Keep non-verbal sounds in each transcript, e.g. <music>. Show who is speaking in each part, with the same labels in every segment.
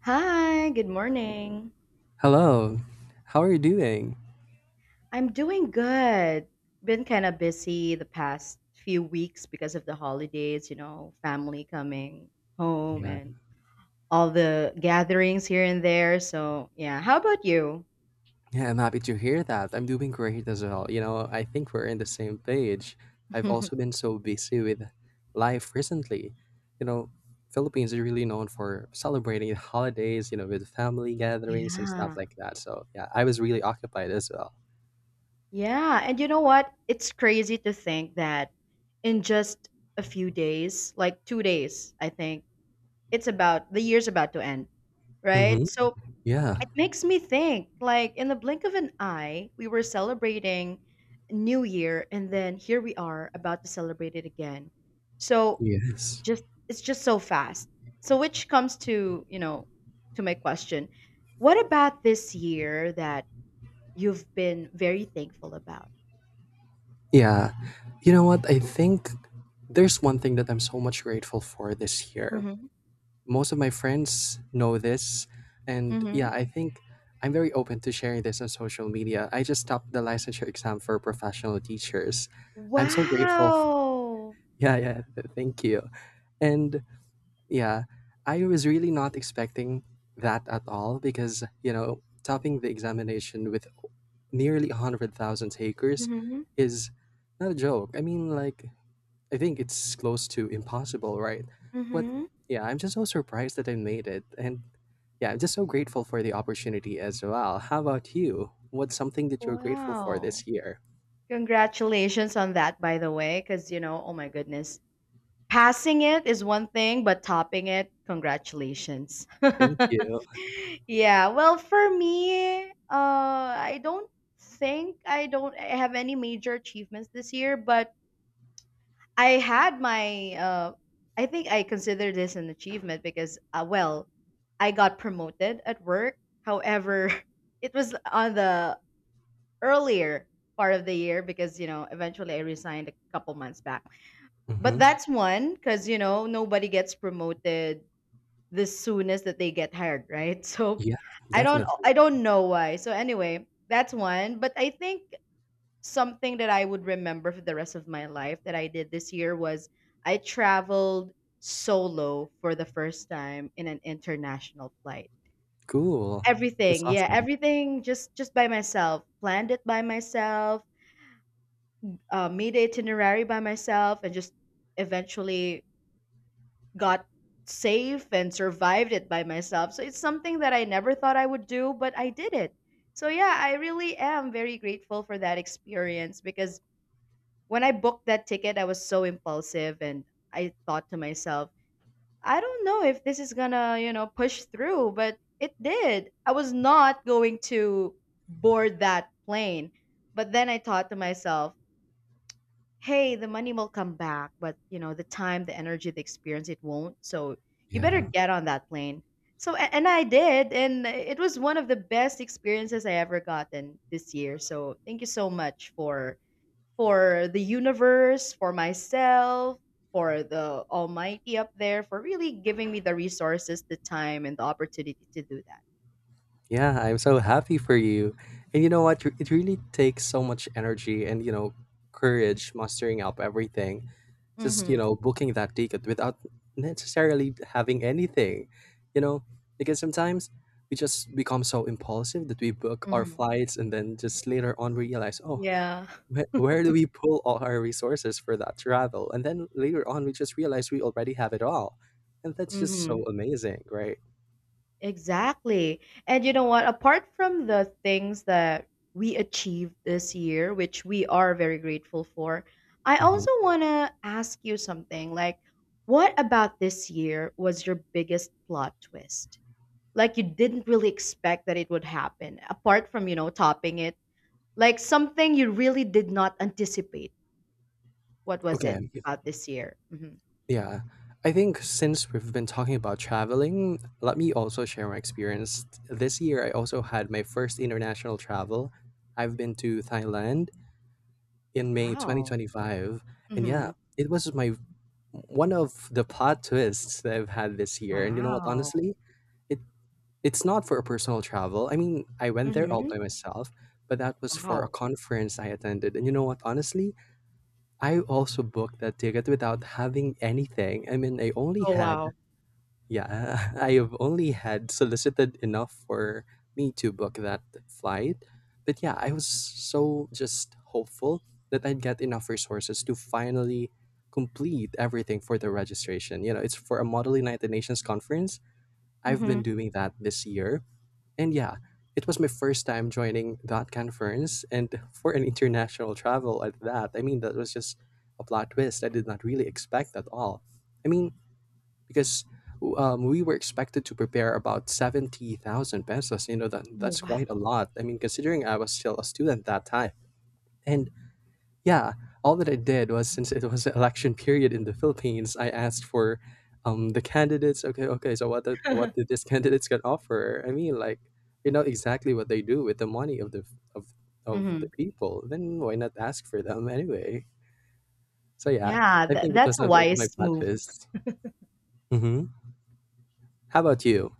Speaker 1: Hi, good morning.
Speaker 2: Hello. How are you doing?
Speaker 1: I'm doing good. Been kind of busy the past few weeks because of the holidays, you know, family coming home
Speaker 2: Yeah.
Speaker 1: and all the gatherings here and there. So, yeah, how about you?
Speaker 2: Yeah, I'm happy to hear that. I'm doing great as well. You know, I think we're in the same page. I've also
Speaker 1: <laughs>
Speaker 2: been so busy with life recently. You know, Philippines is really known for celebrating the holidays, you know, with family gatherings and stuff
Speaker 1: Yeah.
Speaker 2: like that. So, yeah, I was really occupied as well.
Speaker 1: Yeah. And you know what? It's crazy to think that in just a few days, like two days, I think, it's about the year's about to end,
Speaker 2: Mm-hmm.
Speaker 1: right? So
Speaker 2: Yeah.
Speaker 1: it makes me think, like in the blink of an eye, we were celebrating New Year and then here we are about to celebrate it again. So
Speaker 2: Yes.
Speaker 1: just it's just so fast. So which comes to, you know, to my question. What about this year that you've been very thankful about?
Speaker 2: Yeah. You know what? I think there's one thing that I'm so much grateful for this year.
Speaker 1: Mm-hmm.
Speaker 2: Most of my friends know this, and
Speaker 1: Mm-hmm.
Speaker 2: yeah, I think I'm very open to sharing this on social media. I just topped the licensure exam for professional teachers. I'm so grateful.
Speaker 1: Wow.
Speaker 2: <laughs> Thank you. And yeah, I was really not expecting that at all because, you know, topping the examination with nearly 100,000 takers
Speaker 1: Mm-hmm.
Speaker 2: is not a joke. I mean, like, I think it's close to impossible, right? But
Speaker 1: Mm-hmm.
Speaker 2: yeah, I'm just so surprised that I made it. And yeah, I'm just so grateful for the opportunity as well. How about you? What's something that you're grateful for
Speaker 1: Wow.
Speaker 2: this year?
Speaker 1: Congratulations on that, by the way, because you know, oh my goodness. Passing it is one thing, but topping it, congratulations.
Speaker 2: Thank
Speaker 1: <laughs>
Speaker 2: you.
Speaker 1: Yeah, well, for me, I don't think I don't have any major achievements this year, but I had my, I think I consider this an achievement because, well, I got promoted at work. However, <laughs> it was on the earlier part of the year because, you know, eventually I resigned a couple months back. But
Speaker 2: Hmm.
Speaker 1: that's one because you know nobody gets promoted the soonest that they get hired, right? <laughs> So
Speaker 2: Yeah, definitely.
Speaker 1: I don't know why. So anyway, that's one. But I think something that I would remember for the rest of my life that I did this year was I traveled solo for the first time in an international flight.
Speaker 2: Cool. That's
Speaker 1: Everything, yeah,
Speaker 2: awesome.
Speaker 1: everything just by myself. Planned it by myself, made the itinerary by myself, and just eventually got safe and survived it by myself. So it's something that I never thought I would do, but I did it. So yeah, I really am very grateful for that experience because when I booked that ticket, I was so impulsive and I thought to myself, I don't know if this is gonna, you know, push through, but it did. I was not going to board that plane. But then I thought to myself, hey, the money will come back, but you know, the time, the energy, the experience, it won't. So you better
Speaker 2: Yeah.
Speaker 1: get on that plane. So and I did, and it was one of the best experiences I ever gotten this year. So thank you so much for the universe, for myself, for the Almighty up there, for really giving me the resources, the time, and the opportunity to do that.
Speaker 2: Yeah, I'm so happy for you. And you know what? It really takes so much energy and, you know, courage mustering up everything. Just, you
Speaker 1: Mm-hmm.
Speaker 2: know, booking that ticket without necessarily having anything, you know, because sometimes we just become so impulsive that we book our
Speaker 1: Mm-hmm.
Speaker 2: flights and then just later on realize, oh,
Speaker 1: Yeah.
Speaker 2: where do we pull all our resources for that travel? And then later on, we just realize we already have it all. And that's just
Speaker 1: Mm-hmm.
Speaker 2: so amazing, right?
Speaker 1: Exactly. And you know what? Apart from the things that we achieved this year, which we are very grateful for, I
Speaker 2: Hmm.
Speaker 1: also want to ask you something. Like, what about this year was your biggest plot twist? Like, you didn't really expect that it would happen, apart from, you know, topping it. Like, something you really did not anticipate. What was it
Speaker 2: Okay.
Speaker 1: about this year? Hmm.
Speaker 2: Yeah, I think since we've been talking about traveling, let me also share my experience. This year, I also had my first international travel. I've been to Thailand in May
Speaker 1: Wow.
Speaker 2: 2025. And yeah,
Speaker 1: Hmm.
Speaker 2: it was my one of the plot twists that I've had this year. And you know what,
Speaker 1: Wow.
Speaker 2: honestly, it it's not for a personal travel. I mean, I went there all
Speaker 1: Hmm.
Speaker 2: by myself, but that was for a
Speaker 1: Wow.
Speaker 2: conference I attended. And you know what, honestly, I also booked that ticket without having anything. I mean, I only
Speaker 1: Oh,
Speaker 2: had,
Speaker 1: wow.
Speaker 2: yeah, <laughs> I have only had solicited enough for me to book that flight. But yeah, I was so just hopeful that I'd get enough resources to finally complete everything for the registration. You know, it's for a Model United Nations conference. I've
Speaker 1: Hmm.
Speaker 2: been doing that this year. And yeah, it was my first time joining that conference and for an international travel at that. I mean, that was just a plot twist. I did not really expect at all. I mean, because we were expected to prepare about 70,000 pesos. You know,
Speaker 1: Oh,
Speaker 2: that's
Speaker 1: wow.
Speaker 2: quite a lot. I mean, considering I was still a student that time. And yeah, all that I did was, since it was election period in the Philippines, I asked for, the candidates. Okay, okay, so what did these candidates can offer? I mean, like, you know exactly what they do with the money of the of of the
Speaker 1: Mhm.
Speaker 2: people. Then why not ask for them anyway? So yeah,
Speaker 1: Yeah,
Speaker 2: I
Speaker 1: tha
Speaker 2: think it
Speaker 1: that's
Speaker 2: was
Speaker 1: a
Speaker 2: not
Speaker 1: wise
Speaker 2: my bad
Speaker 1: move.
Speaker 2: fist. Hmm. How about you?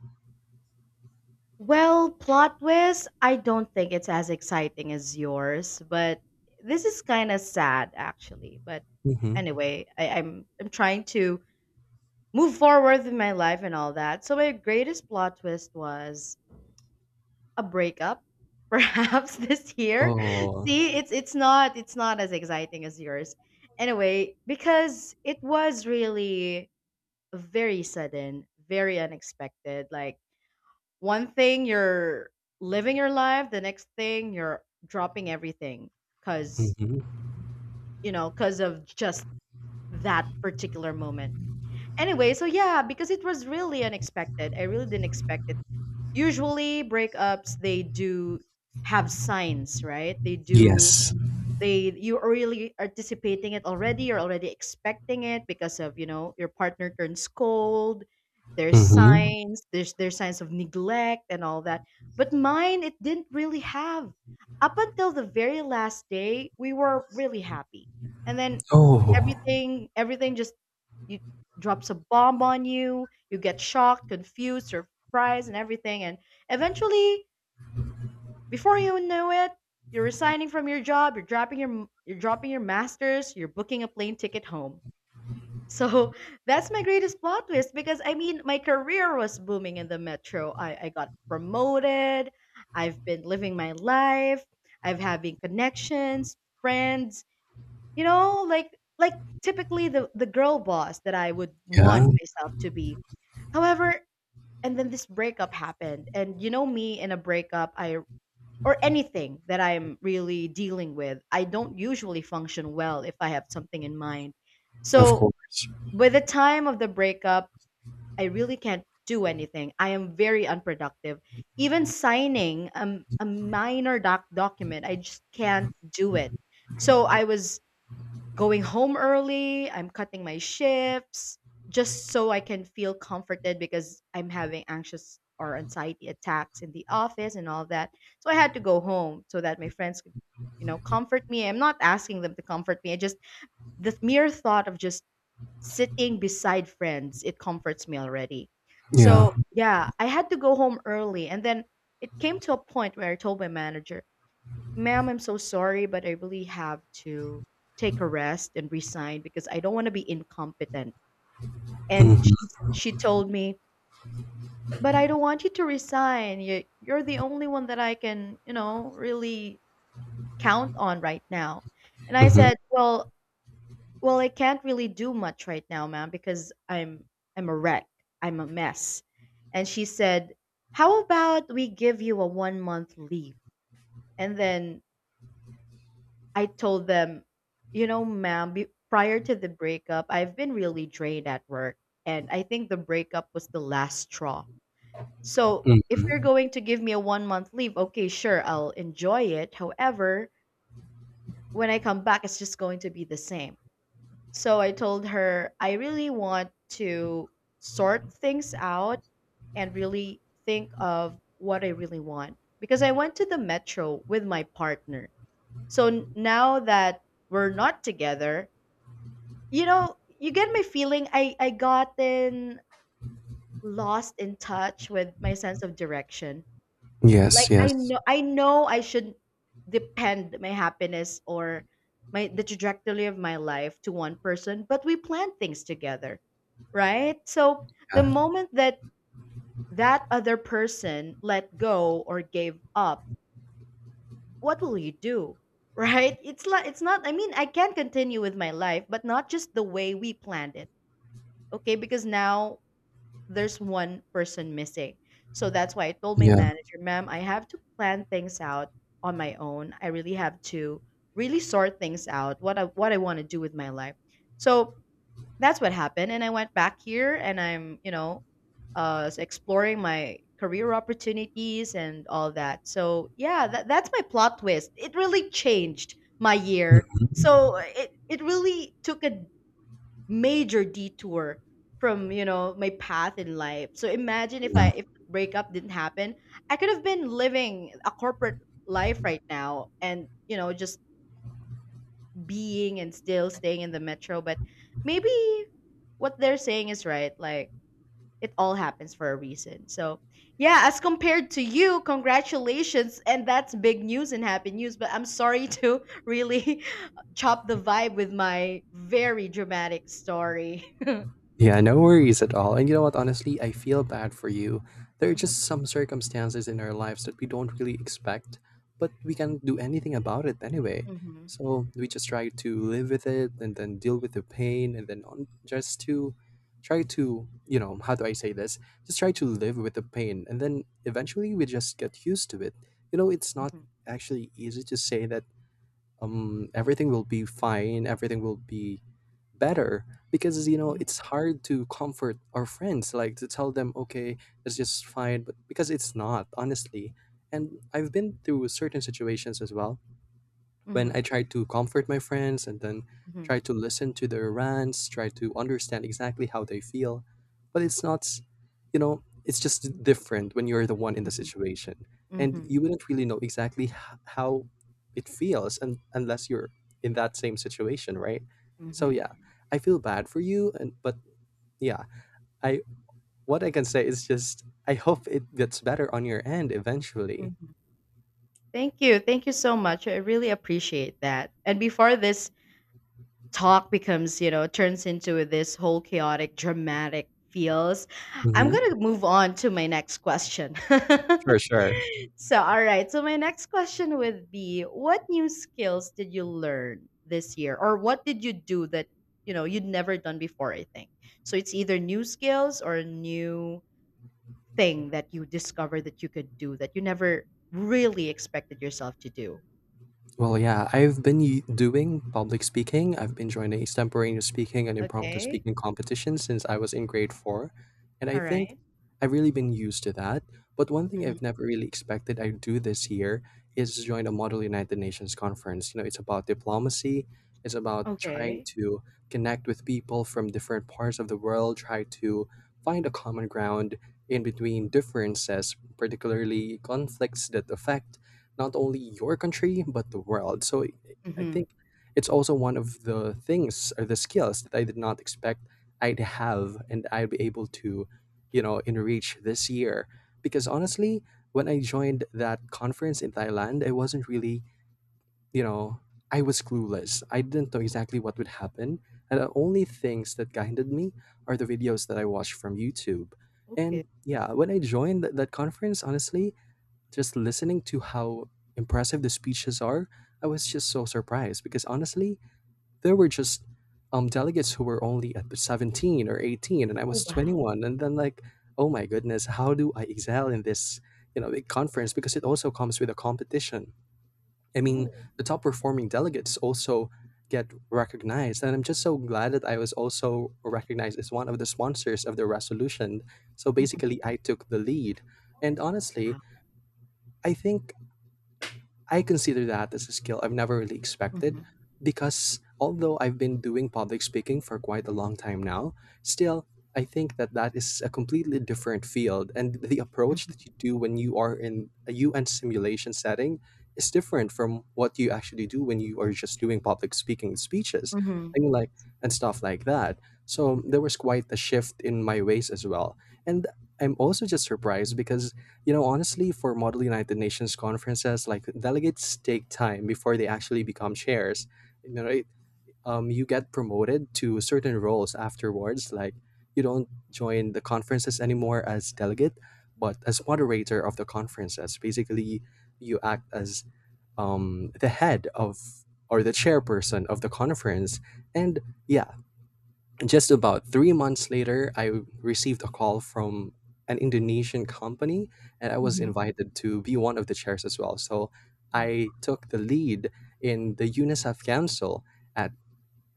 Speaker 1: Well, plot twist, I don't think it's as exciting as yours, but this is kind of sad actually. But anyway, I'm trying to move forward with my life and all that. So my greatest plot twist was a breakup, <laughs> perhaps this year.
Speaker 2: Oh,
Speaker 1: See, it's not it's not as exciting as yours. Anyway, because it was really very sudden, very unexpected. Like one thing you're living your life, the next thing you're dropping everything cuz
Speaker 2: mhm.
Speaker 1: you know, cuz of just that particular moment. Anyway, so yeah, because it was really unexpected. I really didn't expect it. Usually breakups they do have signs, right?
Speaker 2: Yes.
Speaker 1: They you're really anticipating it already, you're already expecting it because of, you know, your partner turns cold,
Speaker 2: Hmm.
Speaker 1: there's signs of neglect and all that. But mine, it didn't really have. Up until the very last day we were really happy, and then
Speaker 2: Oh,
Speaker 1: everything just, you, drops a bomb on you, you get shocked, confused, surprised and everything, and eventually before you know it, you're resigning from your job, you're dropping your masters, you're booking a plane ticket home. So <laughs> that's my greatest plot twist because I mean my career was booming in the metro. I got promoted, I've been living my life, I've having connections, friends, you know, like typically the girl boss that I would
Speaker 2: yeah,
Speaker 1: want myself to be. However, and then this breakup happened. And you know me in a breakup, I or anything that I'm really dealing with, I don't usually function well if I have something in mind.
Speaker 2: of
Speaker 1: So,
Speaker 2: course.
Speaker 1: by the time of the breakup, I really can't do anything. I am very unproductive. Even signing a minor document, I just can't do it. So, I was going home early, I'm cutting my shifts just so I can feel comforted because I'm having anxious or anxiety attacks in the office and all that. So I had to go home so that my friends could, you know, comfort me. I'm not asking them to comfort me. I just the mere thought of just sitting beside friends, it comforts me already. So,
Speaker 2: Yeah.
Speaker 1: yeah, I had to go home early and then it came to a point where I told my manager, "Ma'am, I'm so sorry, but I really have to take a rest and resign because I don't want to be incompetent." And
Speaker 2: Hmm.
Speaker 1: she told me, but I don't want you to resign. You're the only one that I can, you know, really count on right now. And I
Speaker 2: Hmm.
Speaker 1: said, well, I can't really do much right now, ma'am, because I'm a wreck. I'm a mess. And she said, how about we give you a one-month leave? And then I told them, you know, ma'am, prior to the breakup, I've been really drained at work. And I think the breakup was the last straw. So if you're
Speaker 2: Hmm.
Speaker 1: going to give me a one-month leave, okay, sure, I'll enjoy it. However, when I come back, it's just going to be the same. So I told her, I really want to sort things out and really think of what I really want. Because I went to the metro with my partner, so now that we're not together, you know, you get my feeling, I gotten lost in touch with my sense of direction. Like
Speaker 2: Yes, yes.
Speaker 1: I know I shouldn't depend my happiness or my the trajectory of my life to one person, but we plan things together, right? So the
Speaker 2: Yeah,
Speaker 1: moment that that other person let go or gave up, what will you do? <laughs> Right? It's like it's not, I mean, I can continue with my life, but not just the way we planned it. Okay? Because now there's one person missing. So that's why I told my
Speaker 2: yeah.
Speaker 1: manager, "Ma'am, I have to plan things out on my own. I really have to really sort things out what I want to do with my life." So, that's what happened, and I went back here and I'm, you know, exploring my career opportunities and all that. So, yeah, that's my plot twist. It really changed my year.
Speaker 2: Hmm.
Speaker 1: So, it really took a major detour from, you know, my path in life. So, imagine
Speaker 2: Yeah.
Speaker 1: if the breakup didn't happen, I could have been living a corporate life right now and, you know, just being and still staying in the metro. But maybe what they're saying is right. Like it all happens for a reason. So yeah, as compared to you, congratulations, and that's big news and happy news. But I'm sorry to <laughs> really <laughs> chop the vibe with my very dramatic story. <laughs>
Speaker 2: Yeah, no worries at all. And you know what? Honestly, I feel bad for you. There are
Speaker 1: Mhm,
Speaker 2: just some circumstances in our lives that we don't really expect, but we can't do anything about it anyway.
Speaker 1: mhm,
Speaker 2: So we just try to live with it and then deal with the pain and then on, just to try to, you know, how do I say this? Just try to live with the pain. And then eventually we just get used to it. You know, it's not
Speaker 1: mhm,
Speaker 2: actually easy to say that everything will be fine, everything will be better, because you know it's hard to comfort our friends, like to tell them okay, it's just fine, but because it's not, honestly. And I've been through certain situations as well, when
Speaker 1: mhm,
Speaker 2: I try to comfort my friends and then
Speaker 1: mhm, mhm,
Speaker 2: try to listen to their rants, try to understand exactly how they feel. But it's not, you know, it's just different when you're the one in the situation.
Speaker 1: mhm,
Speaker 2: And
Speaker 1: mhm,
Speaker 2: you wouldn't really know exactly how it feels, and, unless you're in that same situation, right? So
Speaker 1: mhm,
Speaker 2: yeah, I feel bad for you, and but yeah, I, what I can say is just I hope it gets better on your end eventually.
Speaker 1: mhm. Thank you. Thank you so much. I really appreciate that. And before this talk becomes, you know, turns into this whole chaotic dramatic feels, I'm
Speaker 2: Hmm.
Speaker 1: going to move on to my next question. <laughs>
Speaker 2: Sure, sure.
Speaker 1: So all right, so my next question would be, what new skills did you learn this year, or what did you do that, you know, you'd never done before? I think so it's either new skills or a new thing that you discovered that you could do that you never really expected yourself to do.
Speaker 2: Well, yeah, I've been doing public speaking. I've been joining extemporaneous speaking and impromptu
Speaker 1: Okay.
Speaker 2: speaking competitions since I was in grade four. And I
Speaker 1: All
Speaker 2: think
Speaker 1: right.
Speaker 2: I've really been used to that. But one thing
Speaker 1: Mhm.
Speaker 2: I've never really expected I'd do this year is join a Model United Nations conference. You know, it's about diplomacy, it's about trying
Speaker 1: Okay.
Speaker 2: to connect with people from different parts of the world, try to find a common ground in between differences, particularly conflicts that affect not only your country but the world. I
Speaker 1: Hmm.
Speaker 2: think it's also one of the things or the skills that I did not expect I'd have and I'd be able to, you know, enrich this year. Because honestly, when I joined that conference in Thailand, I wasn't really, you know, I was clueless. I didn't know exactly what would happen. And the only things that guided me are the videos that I watched from YouTube.
Speaker 1: Okay.
Speaker 2: And yeah, when I joined that conference, honestly, just listening to how impressive the speeches are, I was just so surprised because honestly, there were just, delegates who were only at 17 or 18, and I
Speaker 1: Oh,
Speaker 2: was
Speaker 1: wow.
Speaker 2: 21. And then, like, oh my goodness, how do I excel in this, you know, big conference? Because it also comes with a competition. I mean,
Speaker 1: Oh.
Speaker 2: the top performing delegates also get recognized. And I'm just so glad that I was also recognized as one of the sponsors of the resolution. So
Speaker 1: Mhm.
Speaker 2: basically, I took the lead. And honestly,
Speaker 1: Wow.
Speaker 2: I think I consider that as a skill I've never really expected,
Speaker 1: Mhm,
Speaker 2: because although I've been doing public speaking for quite a long time now, still I think that that is a completely different field, and the approach that
Speaker 1: mhm,
Speaker 2: you do when you are in a UN simulation setting is different from what you actually do when you are just doing public speaking speeches.
Speaker 1: mhm,
Speaker 2: I mean like and stuff like that.
Speaker 1: mm,
Speaker 2: So there was quite a shift in my ways as well. And I'm also just surprised because, you know, honestly, for Model United Nations conferences, like delegates take time before they actually become chairs. You know, it, you get promoted to certain roles afterwards. Like you don't join the conferences anymore as delegate, but as moderator of the conferences. Basically, you act as, the head of or the chairperson of the conference, and yeah, just about 3 months later, I received a call from an Indonesian company and I was
Speaker 1: mhm.
Speaker 2: invited to be one of the chairs as well. So
Speaker 1: Oh,
Speaker 2: I took the lead in the UNICEF Council at,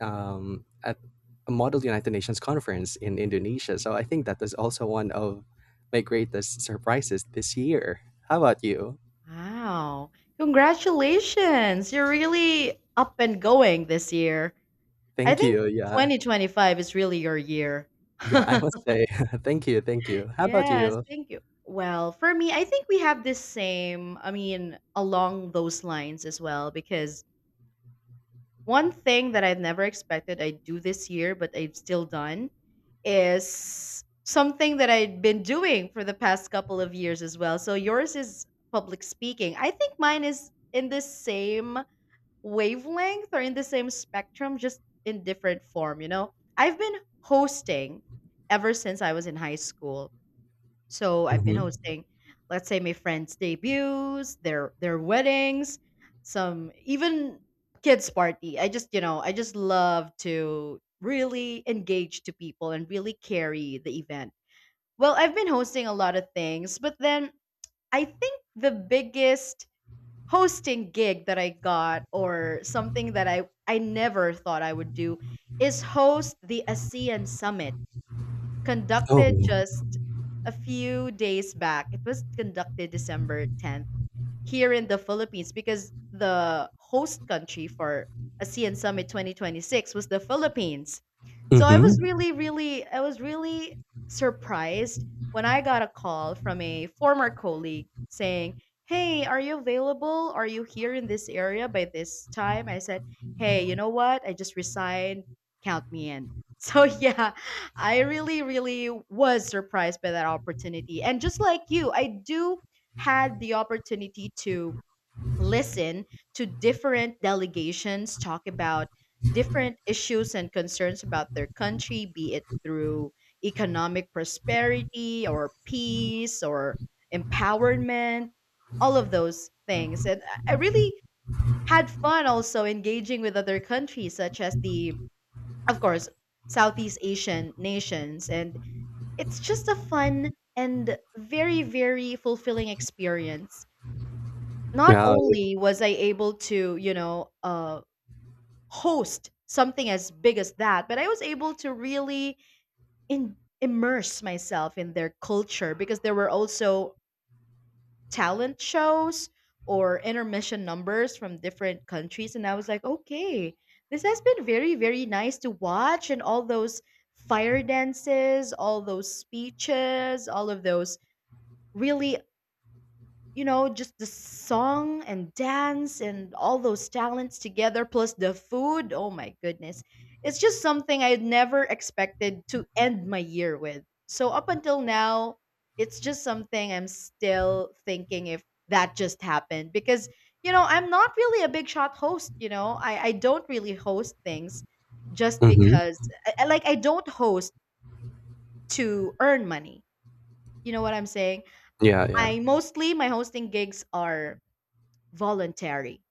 Speaker 2: um, at a Model United Nations conference in Indonesia. So I think that is also one of my greatest surprises this year. How about you?
Speaker 1: wow. Congratulations. You're really up and going this year. I
Speaker 2: Thank
Speaker 1: think
Speaker 2: you. Yeah.
Speaker 1: 2025 is really your year.
Speaker 2: Yeah,
Speaker 1: <laughs>
Speaker 2: I must say, <laughs> thank you. Thank you. How about
Speaker 1: Yes,
Speaker 2: you?
Speaker 1: thank you. Well, for me, I think we have this same, I mean, along those lines as well, because one thing that I've never expected I do this year, but I've still done is something that I've been doing for the past couple of years as well. So yours is public speaking. I think mine is in the same wavelength or in the same spectrum, just in different form, you know? I've been hosting ever since I was in high school, so I've been
Speaker 2: Mm-hmm.
Speaker 1: hosting, let's say, my friends' debuts, their weddings, some even kids' party. I just, I just love to really engage to people and really carry the event. Well, I've been hosting a lot of things, but then I think the biggest hosting gig that I got or something that I never thought I would do is host the ASEAN Summit
Speaker 2: Oh,
Speaker 1: conducted just a few days back. It was conducted December 10th here in the Philippines because the host country for ASEAN Summit 2026 was the Philippines. So I
Speaker 2: mm-hmm.
Speaker 1: was really surprised when I got a call from a former colleague saying, "Hey, are you available? Are you here in this area by this time?" I said, "Hey, you know what? I just resigned. Count me in." <laughs> So, yeah, I really, really was surprised by that opportunity. And just like you, I do had the opportunity to listen to different delegations talk about different issues and concerns about their country, be it through economic prosperity or peace or empowerment, all of those things. And I really had fun also engaging with other countries, such as the, of course, Southeast Asian nations. And it's just a fun and very, very fulfilling experience. Not
Speaker 2: Yeah.
Speaker 1: only was I able to, host something as big as that, but I was able to really immerse myself in their culture because there were also talent shows or intermission numbers from different countries. And I was like, okay, this has been very, very nice to watch. And all those fire dances, all those speeches, all of those, really, just the song and dance and all those talents together, plus the food. Oh my goodness. It's just something I never expected to end my year with. So, up until now, it's just something I'm still thinking if that just happened because, you know, I'm not really a big shot host, you know, I don't really host things just
Speaker 2: Mm-hmm.
Speaker 1: because, like, I don't host to earn money. You know what I'm saying?
Speaker 2: Yeah, yeah.
Speaker 1: I mostly, my hosting gigs are voluntary.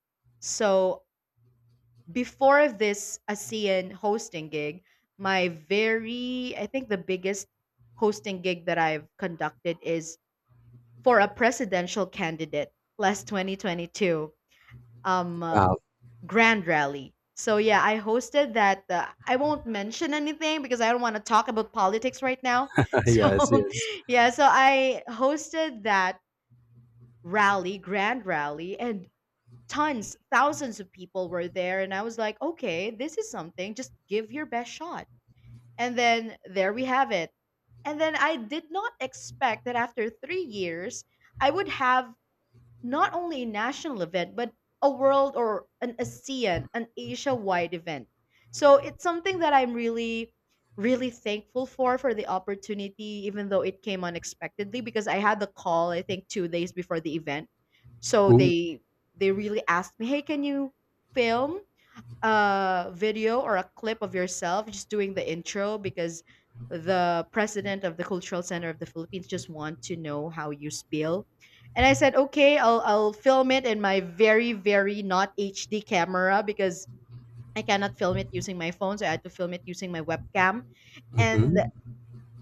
Speaker 1: So before this ASEAN hosting gig, I think the biggest hosting gig that I've conducted is for a presidential candidate last 2022 um uh,
Speaker 2: Wow.
Speaker 1: grand rally. So yeah, I hosted that. I won't mention anything because I don't want to talk about politics right now. <laughs>
Speaker 2: <laughs>
Speaker 1: So
Speaker 2: Yes, yes.
Speaker 1: yeah, so I hosted that grand rally, and thousands of people were there. And I was like, okay, this is something. Just give your best shot. And then there we have it. And then I did not expect that after 3 years, I would have not only a national event, but a world or an ASEAN, an Asia wide event. So it's something that I'm really, really thankful for the opportunity, even though it came unexpectedly, because I had the call, I think, 2 days before the event. So
Speaker 2: Ooh.
Speaker 1: they really asked me, "Hey, can you film a video or a clip of yourself just doing the intro because the president of the Cultural Center of the Philippines just want to know how you spiel." And I said, okay, I'll film it in my very, very not HD camera because I cannot film it using my phone, so I had to film it using my webcam. And
Speaker 2: Hmm.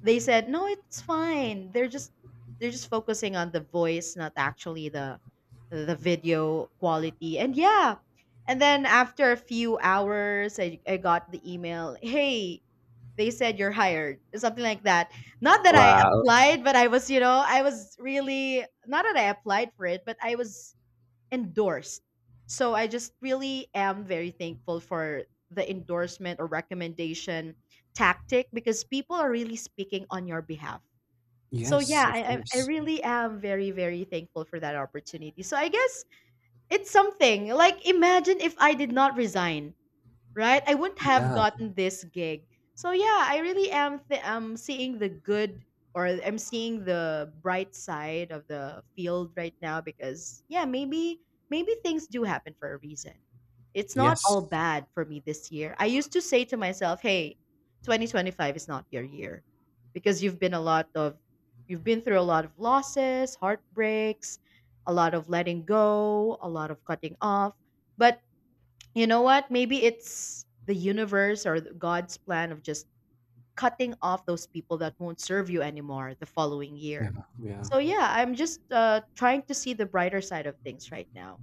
Speaker 1: they said, "No, it's fine. They're just focusing on the voice, not actually the video quality." And yeah. And then after a few hours, I got the email, "Hey, they said you're hired." Something like that. Not that I
Speaker 2: Wow.
Speaker 1: applied, but I was, you know, I was really not that I applied for it, but I was endorsed. So I just really am very thankful for the endorsement or recommendation tactic because people are really speaking on your behalf. So
Speaker 2: Yes,
Speaker 1: yeah,
Speaker 2: of
Speaker 1: I
Speaker 2: course.
Speaker 1: really am very very thankful for that opportunity. So I guess it's something like, imagine if I did not resign, right? I wouldn't have
Speaker 2: Yeah.
Speaker 1: gotten this gig. So yeah, I really am seeing the good, or I'm seeing the bright side of the field right now because yeah, maybe things do happen for a reason. It's not all
Speaker 2: Yes.
Speaker 1: bad for me this year. I used to say to myself, "Hey, 2025 is not your year because you've been a lot of you've been through a lot of losses, heartbreaks, a lot of letting go, a lot of cutting off." But you know what? Maybe it's the universe or God's plan of just cutting off those people that won't serve you anymore the following
Speaker 2: Yeah.
Speaker 1: year.
Speaker 2: Yeah.
Speaker 1: So yeah, I'm just trying to see the brighter side of things right now.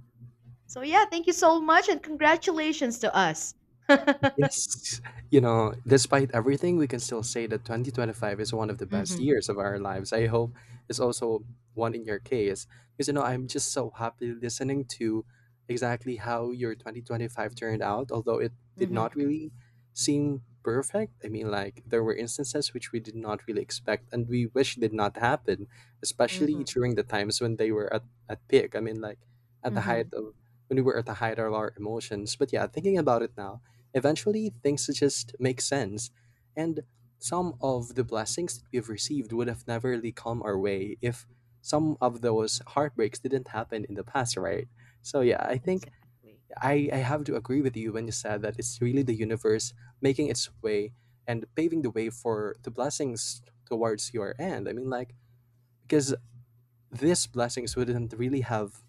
Speaker 1: So yeah, thank you so much and congratulations to us. <laughs>
Speaker 2: Yes, you know, despite everything, we can still say that 2025 is one of the best
Speaker 1: Mm-hmm.
Speaker 2: years of our lives. I hope it's also one in your case. Because, you know, I'm just so happy listening to exactly how your 2025 turned out, although it did
Speaker 1: Mm-hmm.
Speaker 2: not really seem perfect. I mean, like, there were instances which we did not really expect and we wish did not happen, especially
Speaker 1: Mm-hmm.
Speaker 2: during the times when they were at peak. I mean, like, at the
Speaker 1: Mm-hmm.
Speaker 2: height of, when we were at the height of our emotions. But yeah, thinking about it now, eventually, things just make sense, and some of the blessings that we've received would have never really come our way if some of those heartbreaks didn't happen in the past, right? So, yeah, I think
Speaker 1: Exactly.
Speaker 2: I have to agree with you when you said that it's really the universe making its way and paving the way for the blessings towards your end. I mean, like, because these blessings wouldn't really have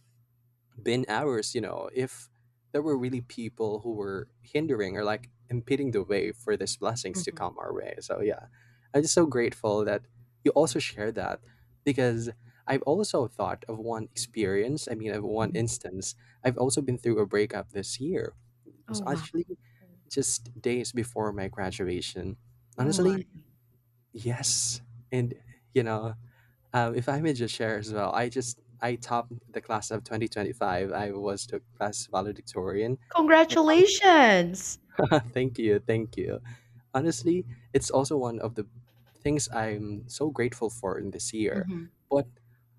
Speaker 2: been hours, you know, if there were really people who were hindering or like impeding the way for these blessings to
Speaker 1: Mm-hmm.
Speaker 2: come our way. So yeah, I'm just so grateful that you also share that, because I've also thought of one experience. I mean, of one
Speaker 1: Mm-hmm.
Speaker 2: instance, I've also been through a breakup this year. It was
Speaker 1: Oh wow.
Speaker 2: actually just days before my graduation.
Speaker 1: Oh my.
Speaker 2: Honestly, yes. And, you know, if I may just share as well, I topped the class of 2025. I was the class valedictorian. And honestly,
Speaker 1: Congratulations.
Speaker 2: <laughs> thank you, thank you. Honestly, it's also one of the things I'm so grateful for in this year.
Speaker 1: Mm-hmm.
Speaker 2: But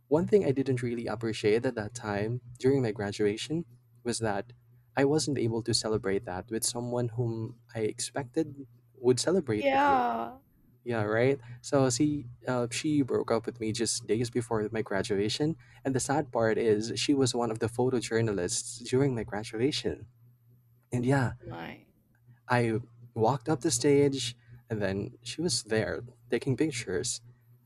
Speaker 2: one thing I didn't really appreciate at that time during my graduation was that I wasn't able to celebrate that with someone whom I expected would celebrate with me.
Speaker 1: Yeah.
Speaker 2: Yeah, right. So she broke up with me just days before my graduation, and the sad part is she was one of the photojournalists during my graduation. And yeah,
Speaker 1: My.
Speaker 2: I walked up the stage, and then she was there taking pictures.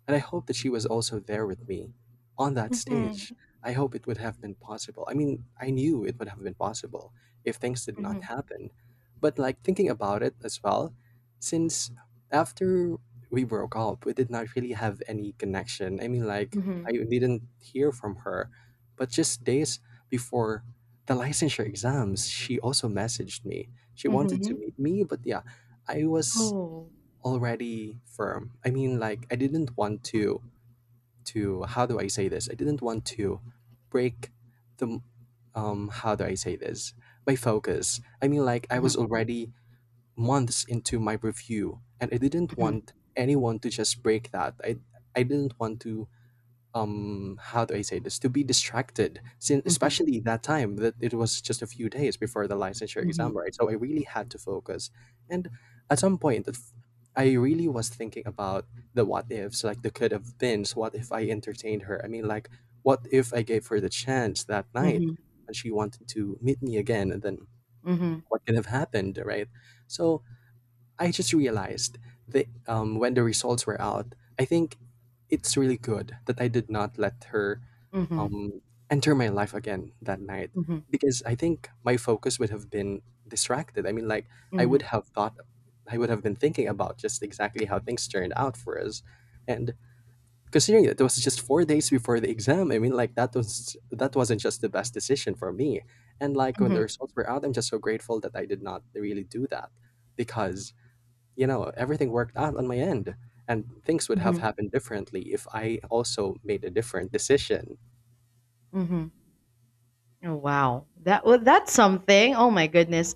Speaker 2: And I hope that she was also there with me on that
Speaker 1: Mm-hmm.
Speaker 2: stage. I hope it would have been possible. I mean, I knew it would have been possible if things did not
Speaker 1: Mm-hmm.
Speaker 2: happen. But, like, thinking about it as well, since after we broke up, we did not really have any connection. I mean, like, I
Speaker 1: Mm-hmm.
Speaker 2: didn't hear from her. But just days before the licensure exams, she also messaged me she wanted to
Speaker 1: Mm-hmm.
Speaker 2: meet me, but yeah, I was
Speaker 1: Oh.
Speaker 2: already firm. I mean, like I didn't want
Speaker 1: Mhm,
Speaker 2: to how do I say this? I didn't want to break the how do I say this? My focus. I mean, like I
Speaker 1: mhm,
Speaker 2: was already months into my review, and I didn't want anyone to just break that. I didn't want to how do I say this to be distracted, since
Speaker 1: mhm,
Speaker 2: especially that time that it was just a few days before the licensure
Speaker 1: mhm,
Speaker 2: exam, right? So I really had to focus. And at some point, I really was thinking about the what ifs, like the could have beens. What if I entertained her? I mean, like what if I gave her the chance that
Speaker 1: mhm,
Speaker 2: night,
Speaker 1: mhm,
Speaker 2: and she wanted to meet me again? And then
Speaker 1: mhm,
Speaker 2: what could have happened, right? So I just realized that when the results were out, I think it's really good that I did not let her
Speaker 1: mhm,
Speaker 2: um, enter my life again that night,
Speaker 1: mhm,
Speaker 2: because I think my focus would have been distracted. I mean, like, I
Speaker 1: mhm,
Speaker 2: would have thought, I would have been thinking about just exactly how things turned out for us. And considering that it was just 4 days before the exam, I mean, like, that was, that wasn't just the best decision for me. And like, when the
Speaker 1: mhm,
Speaker 2: results were out, I'm just so grateful that I did not really do that, because you know, everything worked out on my end. And things would have
Speaker 1: mhm,
Speaker 2: happened differently if I also made a different decision.
Speaker 1: mhm. Oh wow. That's something. Oh my goodness.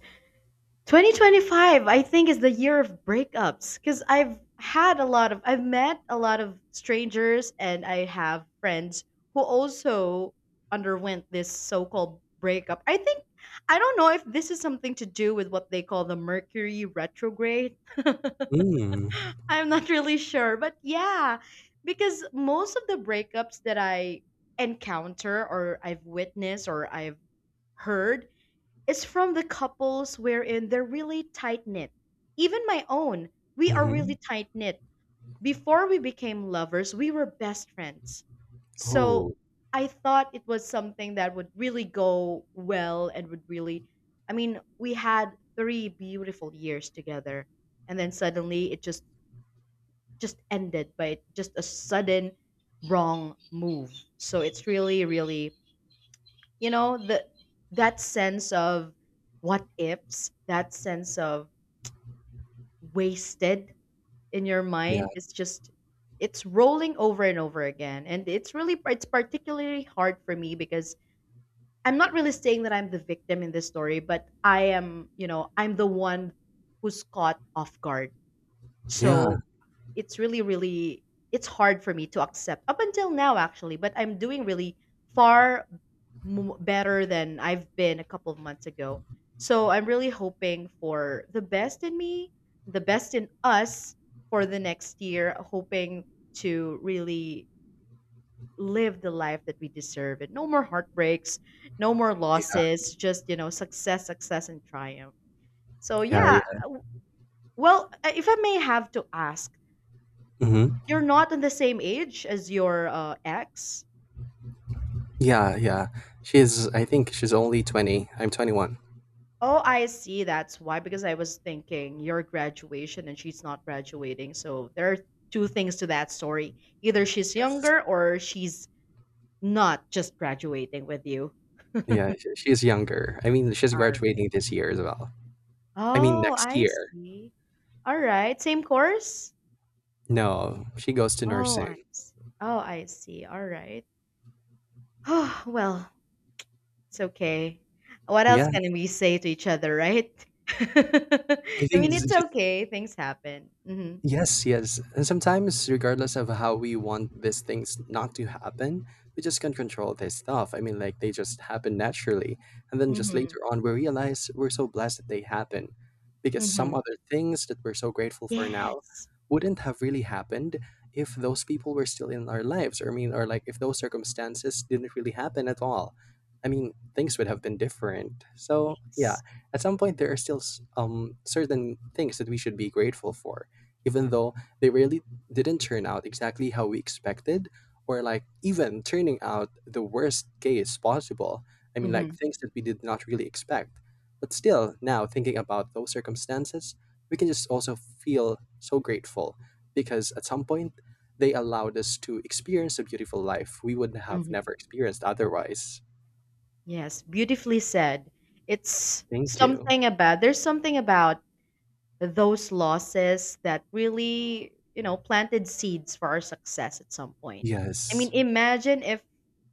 Speaker 1: 2025 I think is the year of breakups cuz I've had a lot of I've met a lot of strangers and I have friends who also underwent this so-called breakup. I think I don't know if this is something to do with what they call the Mercury retrograde.
Speaker 2: Mm.
Speaker 1: I'm not really sure, but yeah, because most of the breakups that I encounter or I've witnessed or I've heard is from the couples wherein they're really tight knit. Even my own, we are
Speaker 2: Mm-hmm.
Speaker 1: really tight knit. Before we became lovers, we were best friends. So
Speaker 2: Oh,
Speaker 1: I thought it was something that would really go well and would really, I mean, we had three beautiful years together. And then suddenly it just ended by just a sudden wrong move. So it's really, really, the that sense of what ifs, that sense of wasted in your
Speaker 2: yeah.
Speaker 1: mind is just it's rolling over and over again. And it's really it's particularly hard for me because I'm not really saying that I'm the victim in this story, but I am, you know, I'm the one who's caught off guard.
Speaker 2: Yeah.
Speaker 1: So it's really really it's hard for me to accept up until now, actually, but I'm doing really far better than I've been a couple of months ago. So I'm really hoping for the best in me, the best in us, for the next year, hoping to really live the life that we deserve and no more heartbreaks, no more
Speaker 2: Yeah.
Speaker 1: losses, just, you know, success and triumph. So
Speaker 2: Yeah.
Speaker 1: yeah
Speaker 2: Yeah.
Speaker 1: well, if I may have to ask,
Speaker 2: Mm-hmm.
Speaker 1: you're not on the same age as your ex?
Speaker 2: Yeah. Yeah. She's, I think she's only 20. I'm 21.
Speaker 1: Oh, I see. That's why. Because I was thinking your graduation and she's not graduating. So there are two things to that story. Either she's
Speaker 2: Yes.
Speaker 1: younger or she's not just graduating with you.
Speaker 2: Yeah. She's younger. I mean, she's
Speaker 1: All right.
Speaker 2: graduating this year as well. I mean,
Speaker 1: Oh,
Speaker 2: next
Speaker 1: I
Speaker 2: year.
Speaker 1: see. All right. Same course?
Speaker 2: No, she goes to
Speaker 1: Oh, I
Speaker 2: nursing.
Speaker 1: see. Oh, I see. All right. <sighs> Oh well, it's okay. What else
Speaker 2: Yeah.
Speaker 1: can we say to each other, right? <laughs>
Speaker 2: I
Speaker 1: I
Speaker 2: think
Speaker 1: mean,
Speaker 2: it's
Speaker 1: it's
Speaker 2: just,
Speaker 1: okay. Things happen. Mhm.
Speaker 2: yes, yes. And sometimes, regardless of how we want these things not to happen, we just can't control this stuff. I mean, like, they just happen naturally. And then just
Speaker 1: Mhm.
Speaker 2: later on, we realize we're so blessed that they happen. Because some
Speaker 1: Mhm.
Speaker 2: other things that we're so grateful for now
Speaker 1: Yes.
Speaker 2: wouldn't have really happened if those people were still in our lives. Or, I mean, or like, if those circumstances didn't really happen at all. I mean, things would have been different. So, yeah,
Speaker 1: Yes.
Speaker 2: at some point, there are still certain things that we should be grateful for even though they really didn't turn out exactly how we expected, or like even turning out the worst case possible. I mean, like
Speaker 1: Mhm.
Speaker 2: things that we did not really expect. But still, now thinking about those circumstances, we can just also feel so grateful because at some point they allowed us to experience a beautiful life we would have
Speaker 1: Mhm.
Speaker 2: never experienced otherwise.
Speaker 1: Yes, beautifully said. It's
Speaker 2: Thank you.
Speaker 1: something about there's something about those losses that really, you know, planted seeds for our success at some point. I
Speaker 2: Yes.
Speaker 1: mean, imagine if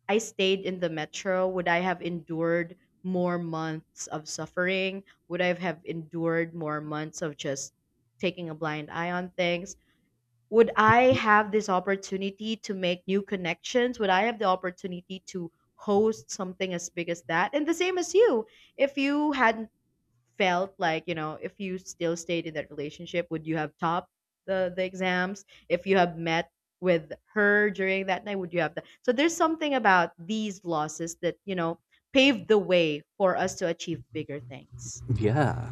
Speaker 1: I stayed in the metro, would I have endured more months of suffering? Would I have endured more months of just taking a blind eye on things? Would I
Speaker 2: Y-
Speaker 1: have this opportunity to make new connections? Would I have the opportunity to host something as big as that? And the same as you, if you hadn't felt like, you know, if you still stayed in that relationship, would you have topped the exams? If you have met with her during that night, would you have that? So there's something about these losses that, you know, paved the way for us to achieve bigger things.
Speaker 2: Yeah.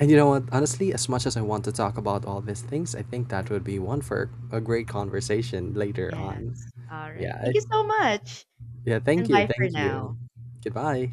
Speaker 2: And you know what? Honestly, as much as I want to talk about all these things, I think that would be one for a great conversation later
Speaker 1: Yes,
Speaker 2: on.
Speaker 1: all
Speaker 2: Yeah.
Speaker 1: right,
Speaker 2: I,
Speaker 1: thank you so much,
Speaker 2: yeah. Thank
Speaker 1: and
Speaker 2: you.
Speaker 1: bye for
Speaker 2: Thank
Speaker 1: now.
Speaker 2: you. Goodbye.